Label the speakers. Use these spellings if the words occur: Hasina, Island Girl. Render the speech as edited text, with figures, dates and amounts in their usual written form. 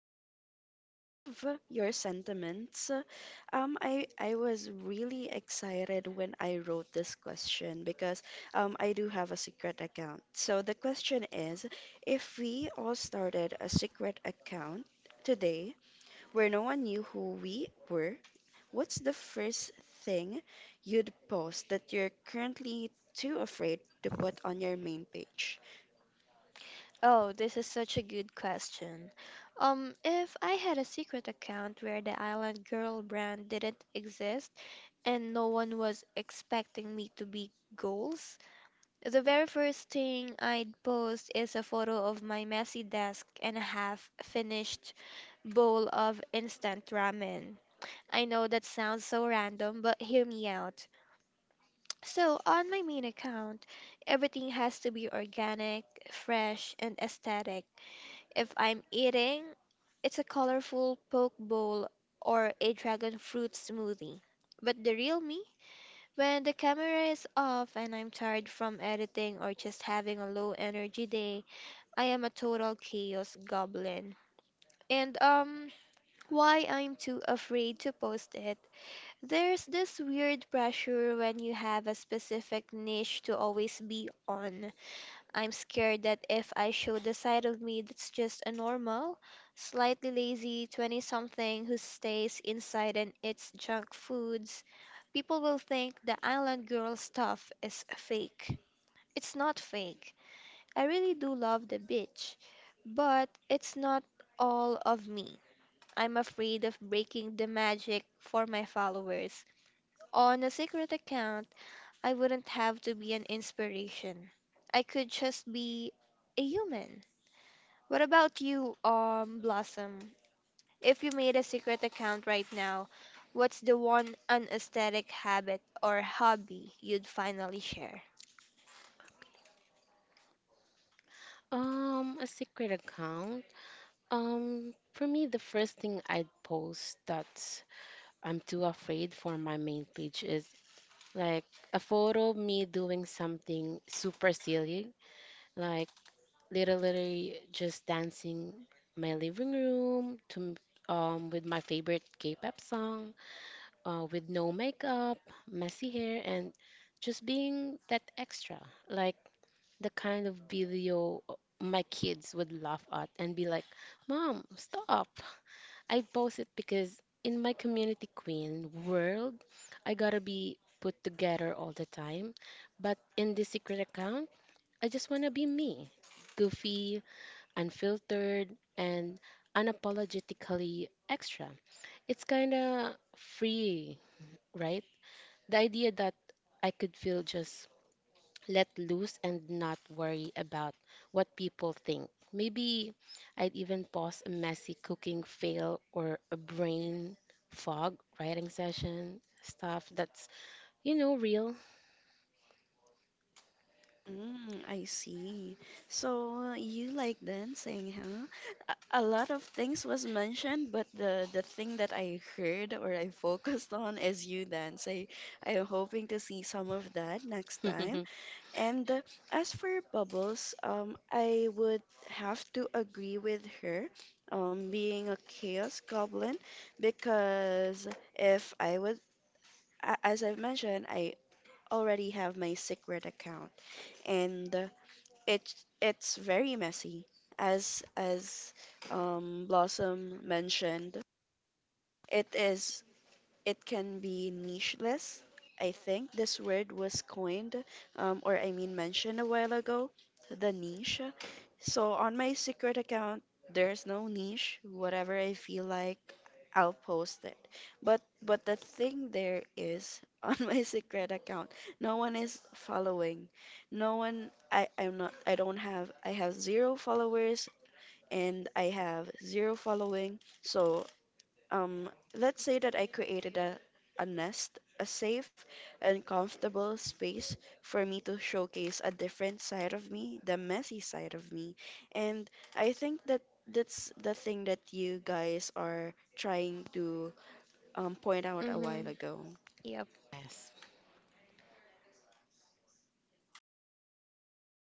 Speaker 1: some of your sentiments, I was really excited when I wrote this question because I do have a secret account. So the question is, if we all started a secret account today where no one knew who we were, what's the first thing you'd post that you're currently too afraid to put on your main page?
Speaker 2: Oh, this is such a good question. If I had a secret account where the Island Girl brand didn't exist and no one was expecting me to be goals, the very first thing I'd post is a photo of my messy desk and a half-finished bowl of instant ramen. I know that sounds so random, but hear me out. So, on my main account, everything has to be organic, fresh, and aesthetic. If I'm eating, it's a colorful poke bowl or a dragon fruit smoothie. But the real me, when the camera is off and I'm tired from editing or just having a low energy day, I am a total chaos goblin. And Why I'm too afraid to post it. There's this weird pressure when you have a specific niche to always be on. I'm scared that if I show the side of me that's just a normal, slightly lazy 20 something who stays inside and eats junk foods, people will think the island girl stuff is fake. It's not fake. I really do love the beach, but it's not all of me. I'm afraid of breaking the magic for my followers. On a secret account, I wouldn't have to be an inspiration. I could just be a human. What about you, Blossom? If you made a secret account right now, what's the one unaesthetic habit or hobby you'd finally share?
Speaker 3: Account. For me, the first thing I'd post that I'm too afraid for my main page is like a photo of me doing something super silly, like literally just dancing my living room to with my favorite K-pop song, with no makeup, messy hair, and just being that extra, like the kind of video my kids would laugh at and be like, "Mom, stop." I post it because in my community queen world, I gotta be put together all the time. But in this secret account, I just wanna be me goofy, unfiltered, and unapologetically extra. It's kinda free, right? The idea that I could feel just let loose and not worry about what people think. Maybe I'd even pause a messy cooking fail or a brain fog writing session, stuff that's, you know, real.
Speaker 1: Mm, I see. So you like dancing, huh? A lot of things was mentioned, but the thing that I heard or I focused on is you dance. I'm hoping to see some of that next time. And as for Bubbles, I would have to agree with her, being a chaos goblin, because if I would, as I've mentioned, I already have my secret account and it's very messy as Blossom mentioned. It is it can be nicheless. I think this word was coined, or I mean mentioned a while ago, the niche. So on my secret account, there's no niche. Whatever I feel like, I'll post it. But the thing there is on my secret account, no one is following. No one. I'm not. I don't have. I have zero followers and I have zero following. So um, let's say that I created a nest, a safe and comfortable space for me to showcase a different side of me, the messy side of me. And I think that that's the thing that you guys are trying to point out a
Speaker 2: Mm-hmm.
Speaker 1: while ago.
Speaker 3: Yes.